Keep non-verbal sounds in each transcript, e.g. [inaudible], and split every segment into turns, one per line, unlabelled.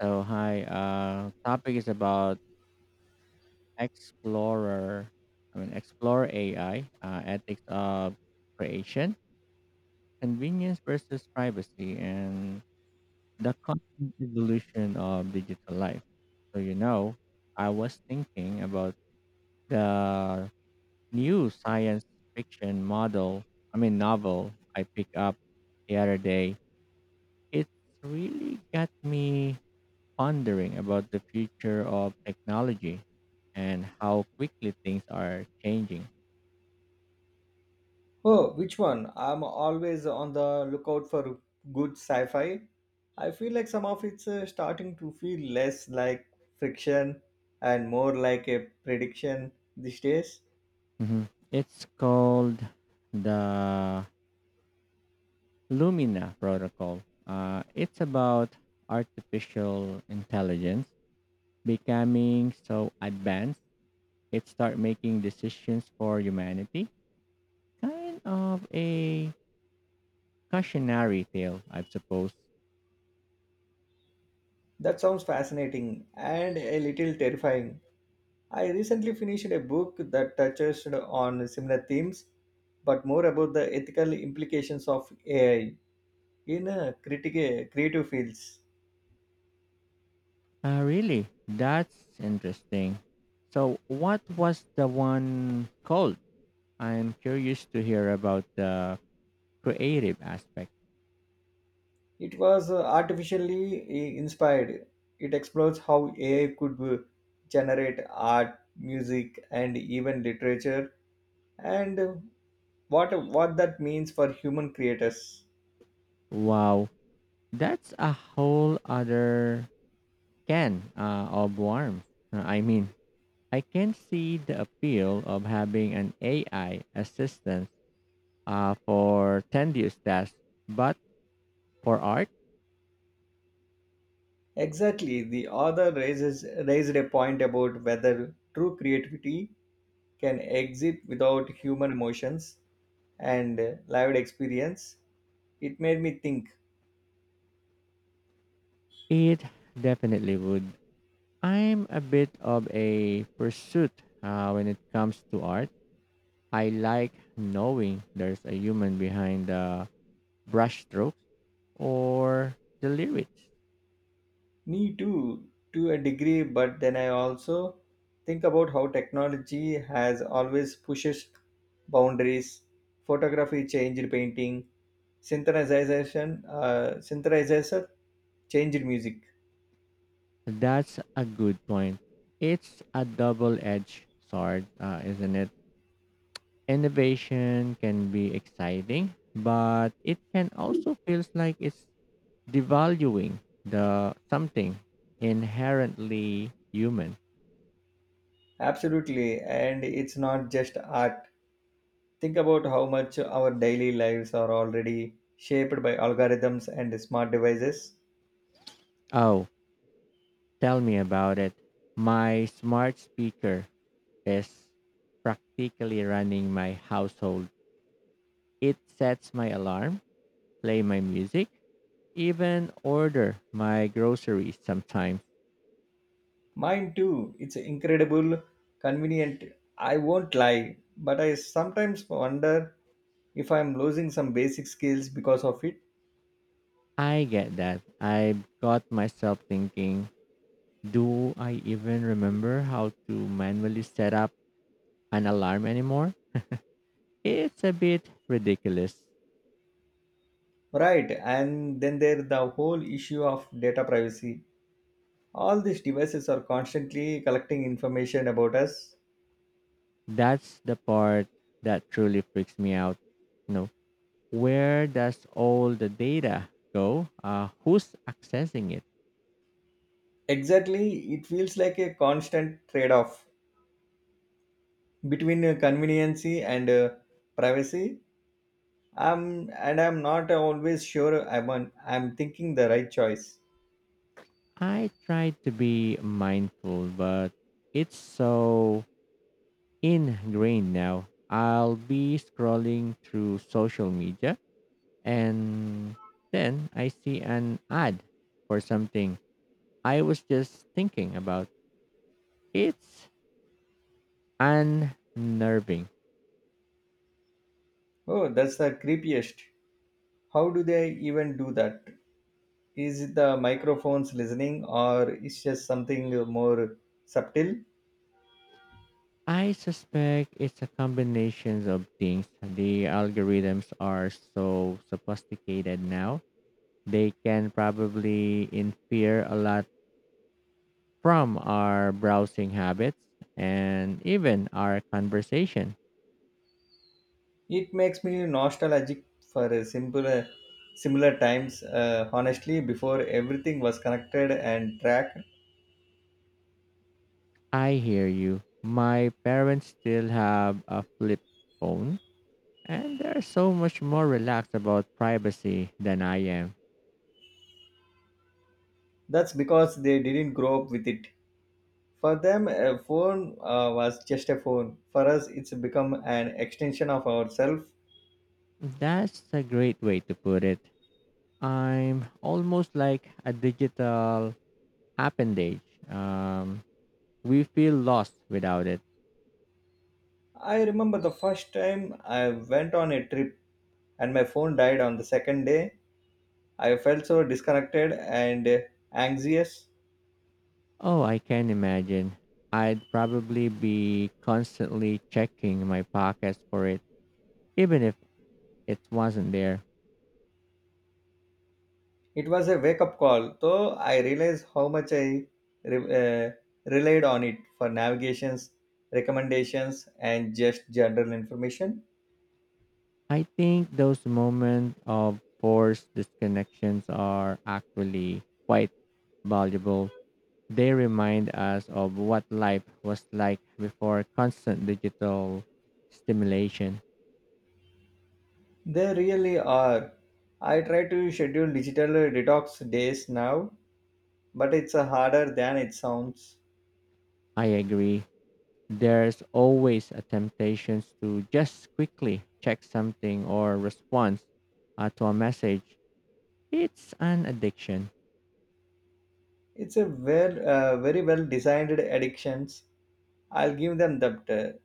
So hi, topic is about explorer. Explore AI ethics of creation, convenience versus privacy, and the constant evolution of digital life. So you know, I was thinking about the new science fiction model. Novel I picked up the other day. It's really got me pondering about the future of technology and how quickly things are changing.
Oh, which one? I'm always on the lookout for good sci fi. I feel like some of it's starting to feel less like fiction and more like a prediction these days.
Mhm. It's called the Lumina Protocol. It's about artificial intelligence becoming so advanced it start making decisions for humanity. Kind of a cautionary tale, I suppose.
That sounds fascinating and a little terrifying. I recently finished a book that touches on similar themes, but more about the ethical implications of AI in critic- creative fields.
Really, that's interesting. So, what was the one called? I'm curious to hear about the creative aspect.
It was artificially I- inspired. It explores how AI could generate art, music, and even literature, and what that means for human creators.
Wow, that's a whole other can of worms. Uh, I mean, I can see the appeal of having an AI assistant for tedious tasks, but for art,
Exactly, the author raises raised a point about whether true creativity can exist without human emotions and lived experience. It made me think.
it definitely would. I'm a bit of a pursuit when it comes to art. I like knowing there's a human behind the brushstrokes or the lyrics.
Me too, to a degree, but then I also think about how technology has always pushes boundaries. Photography changed painting, synthesizer changed music.
That's a good point. It's a double edged sword, isn't it? Innovation can be exciting, but it can also feels like it's devaluing the something inherently human.
Absolutely, and it's not just art. Think about how much our daily lives are already shaped by algorithms and smart devices.
Oh, tell me about it. My smart speaker is practically running my household. It sets my alarm, play my music, even order my groceries sometimes.
Mine too. It's incredible, convenient. I won't lie, but I sometimes wonder if I'm losing some basic skills because of it.
I get that. I got myself thinking, do I even remember how to manually set up an alarm anymore? It's a bit ridiculous.
Right, and then there the whole issue of data privacy. All these devices are constantly collecting information about us.
That's the part that truly freaks me out. You know, where does all the data go? Who's accessing it?
Exactly, it feels like a constant trade off between conveniency and privacy, and I'm not always sure I'm thinking the right choice.
I try to be mindful, but it's so ingrained now. I'll be scrolling through social media and then I see an ad for something I was just thinking about. It's unnerving.
Oh, that's the creepiest. How do they even do that? Is the microphones listening, or is just something more subtle?
I suspect it's a combination of things. The algorithms are so sophisticated now. They can probably infer a lot from our browsing habits and even our conversation.
It makes me nostalgic for a simpler similar times, honestly, before everything was connected and tracked.
I hear you. My parents still have a flip phone, and they're so much more relaxed about privacy than I am.
That's because they didn't grow up with it. For them a phone was just a phone. For us it's become an extension of ourselves.
That's a great way to put it. I'm almost like a digital appendage. We feel lost without it.
I remember the first time I went on a trip and my phone died on the second day. I felt so disconnected and anxious.
Oh, I can imagine. I'd probably be constantly checking my pockets for it, even if it wasn't there.
It was a wake up call, though. I realized how much I re- uh, relied on it for navigations, recommendations, and just general information.
I think those moments of forced disconnections are actually quite valuable. They remind us of what life was like before constant digital stimulation.
They really are. I try to schedule digital detox days now, but it's harder than it sounds.
I agree. There's always a temptation to just quickly check something or respond to a message. It's an addiction.
It's a very well designed addictions. I'll give them that.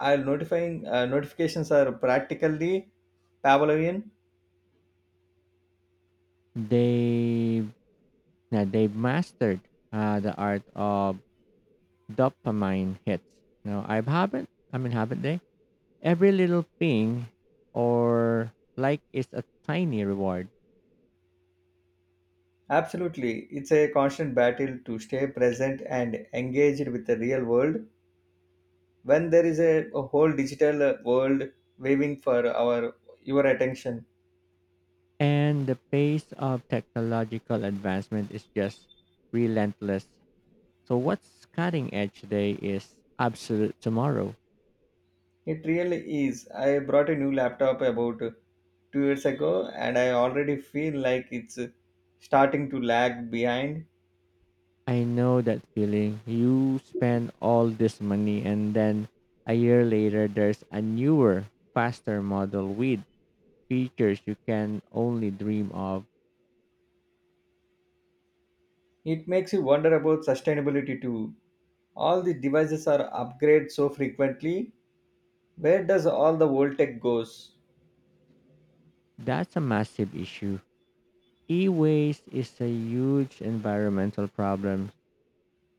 I'll notifying Notifications are practically Pavlovian.
They, they've mastered the art of dopamine hits. No, I haven't. I mean, haven't they? Every little ping or like is a tiny reward,
Absolutely. It's a constant battle to stay present and engaged with the real world when there is a whole digital world waving for our your attention.
and the pace of technological advancement is just relentless. So, what's cutting edge today is absolute tomorrow.
It really is. I brought a new laptop about two years ago, and I already feel like it's starting to lag behind.
I know that feeling. You spend all this money, and then a year later, there's a newer, faster model with features you can only dream of.
It makes you wonder about sustainability too. All the devices are upgraded so frequently. Where does all the old tech goes?
That's a massive issue. E-waste is a huge environmental problem.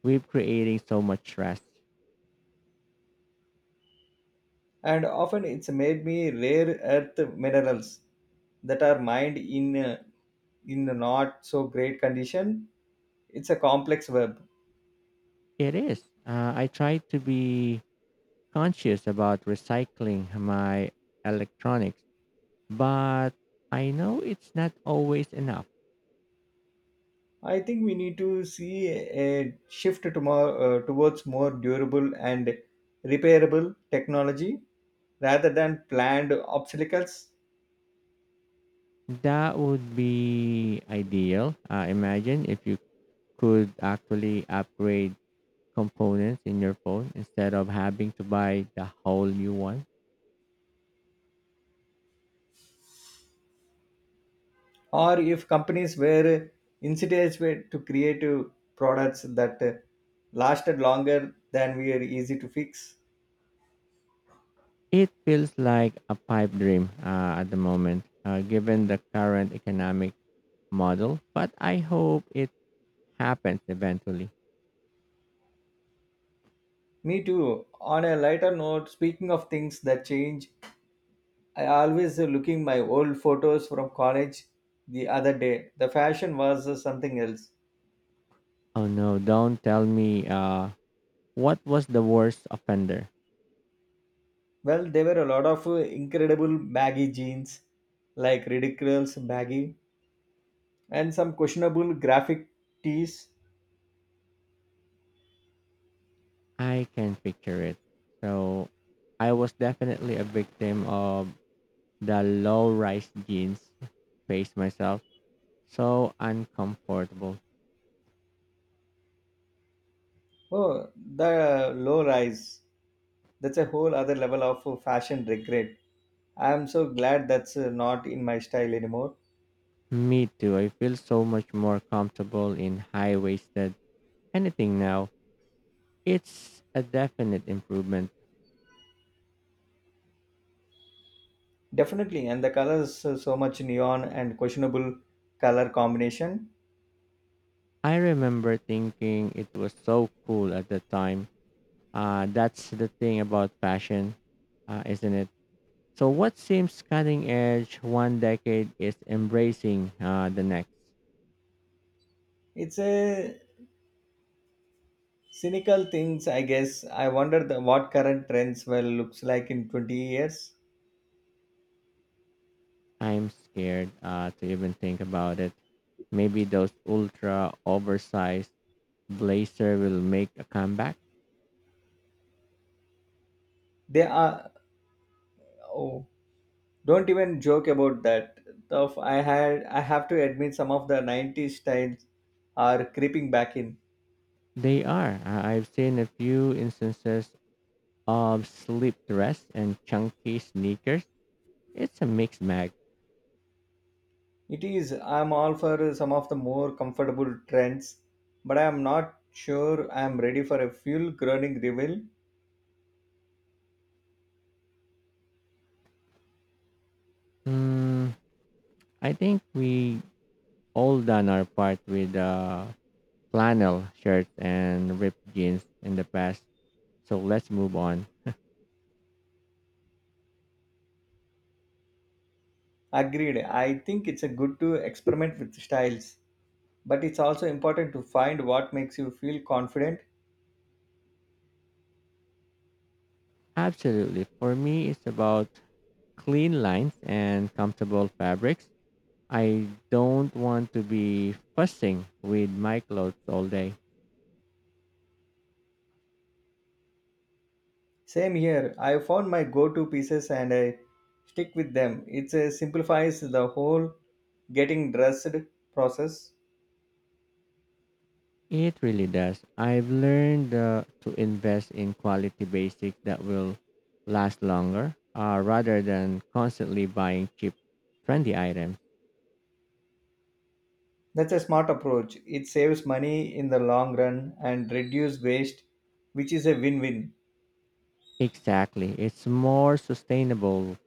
We're creating so much trash.
And often it's made me rare earth minerals that are mined in a not so great condition. It's a complex web.
It is. I try to be conscious about recycling my electronics, but I know it's not always enough.
I think we need to see a shift to more, towards more durable and repairable technology rather than planned obstacles.
That would be ideal. Imagine if you could actually upgrade components in your phone instead of having to buy the whole new one.
Or if companies were incentivized to create products that lasted longer than were easy to fix.
It feels like a pipe dream at the moment, given the current economic model, but I hope it happens eventually.
Me too. On a lighter note, speaking of things that change, I always looking my old photos from college the other day. The fashion was something else.
Oh no, don't tell me what was the worst offender.
Well, there were a lot of incredible baggy jeans, like ridiculous baggy, and some questionable graphic tees.
I can picture it. So I was definitely a victim of the low rise jeans face myself. So uncomfortable.
Oh, the low rise. That's a whole other level of fashion regret. I am so glad that's not in my style anymore.
Me too. I feel so much more comfortable in high waisted anything now. It's a definite improvement.
Definitely, and the colors so much neon and questionable color combination.
I remember thinking it was so cool at the time. That's the thing about fashion, isn't it? So, what seems cutting edge one decade is embracing the next.
It's a cynical things, I guess. I wonder what current trends will looks like in 20 years.
I'm scared to even think about it. Maybe those ultra oversized blazer will make a comeback.
They are. Oh, don't even joke about that. Of I had I have to admit some of the 90s styles are creeping back in.
They are. I've seen a few instances of slip dress and chunky sneakers. It's a mixed bag.
It is. I'm all for some of the more comfortable trends, but I am not sure I am ready for a full groaning reveal.
Hmm, I think we all done our part with flannel shirts and ripped jeans in the past. So let's move on.
Agreed. I think it's a good to experiment with styles, but it's also important to find what makes you feel confident.
Absolutely. For me, it's about clean lines and comfortable fabrics. I don't want to be fussing with my clothes all day.
Same here. I found my go-to pieces and I stick with them. It simplifies the whole getting dressed process.
It really does. I've learned to invest in quality basic that will last longer rather than constantly buying cheap, trendy items.
That's a smart approach. It saves money in the long run and reduce waste, which is a win-win.
Exactly. It's more sustainable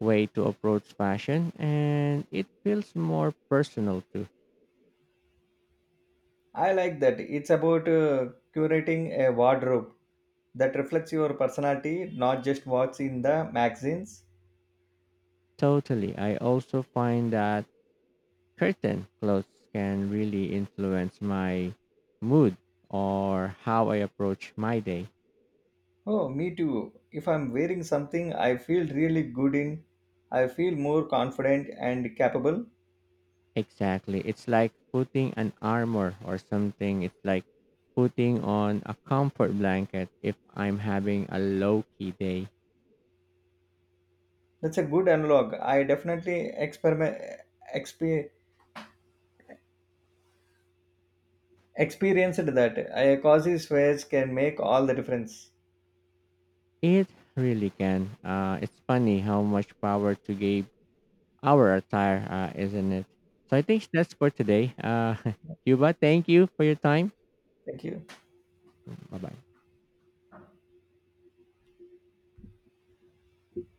way to approach fashion and it feels more personal too.
I like that. It's about curating a wardrobe that reflects your personality, not just what's in the magazines.
Totally. I also find that curtain clothes can really influence my mood or how I approach my day.
Oh, me too. If I'm wearing something I feel really good in, I feel more confident and capable.
Exactly. It's like putting an armor or something. It's like putting on a comfort blanket if I'm having a low key day.
That's a good analog. I definitely exp, experienced that. A cozy sweats can make all the difference.
It really can. It's funny how much power to give our attire, isn't it? So I think that's for today. [laughs] Cuba, thank you for your time.
Thank you.
Bye bye.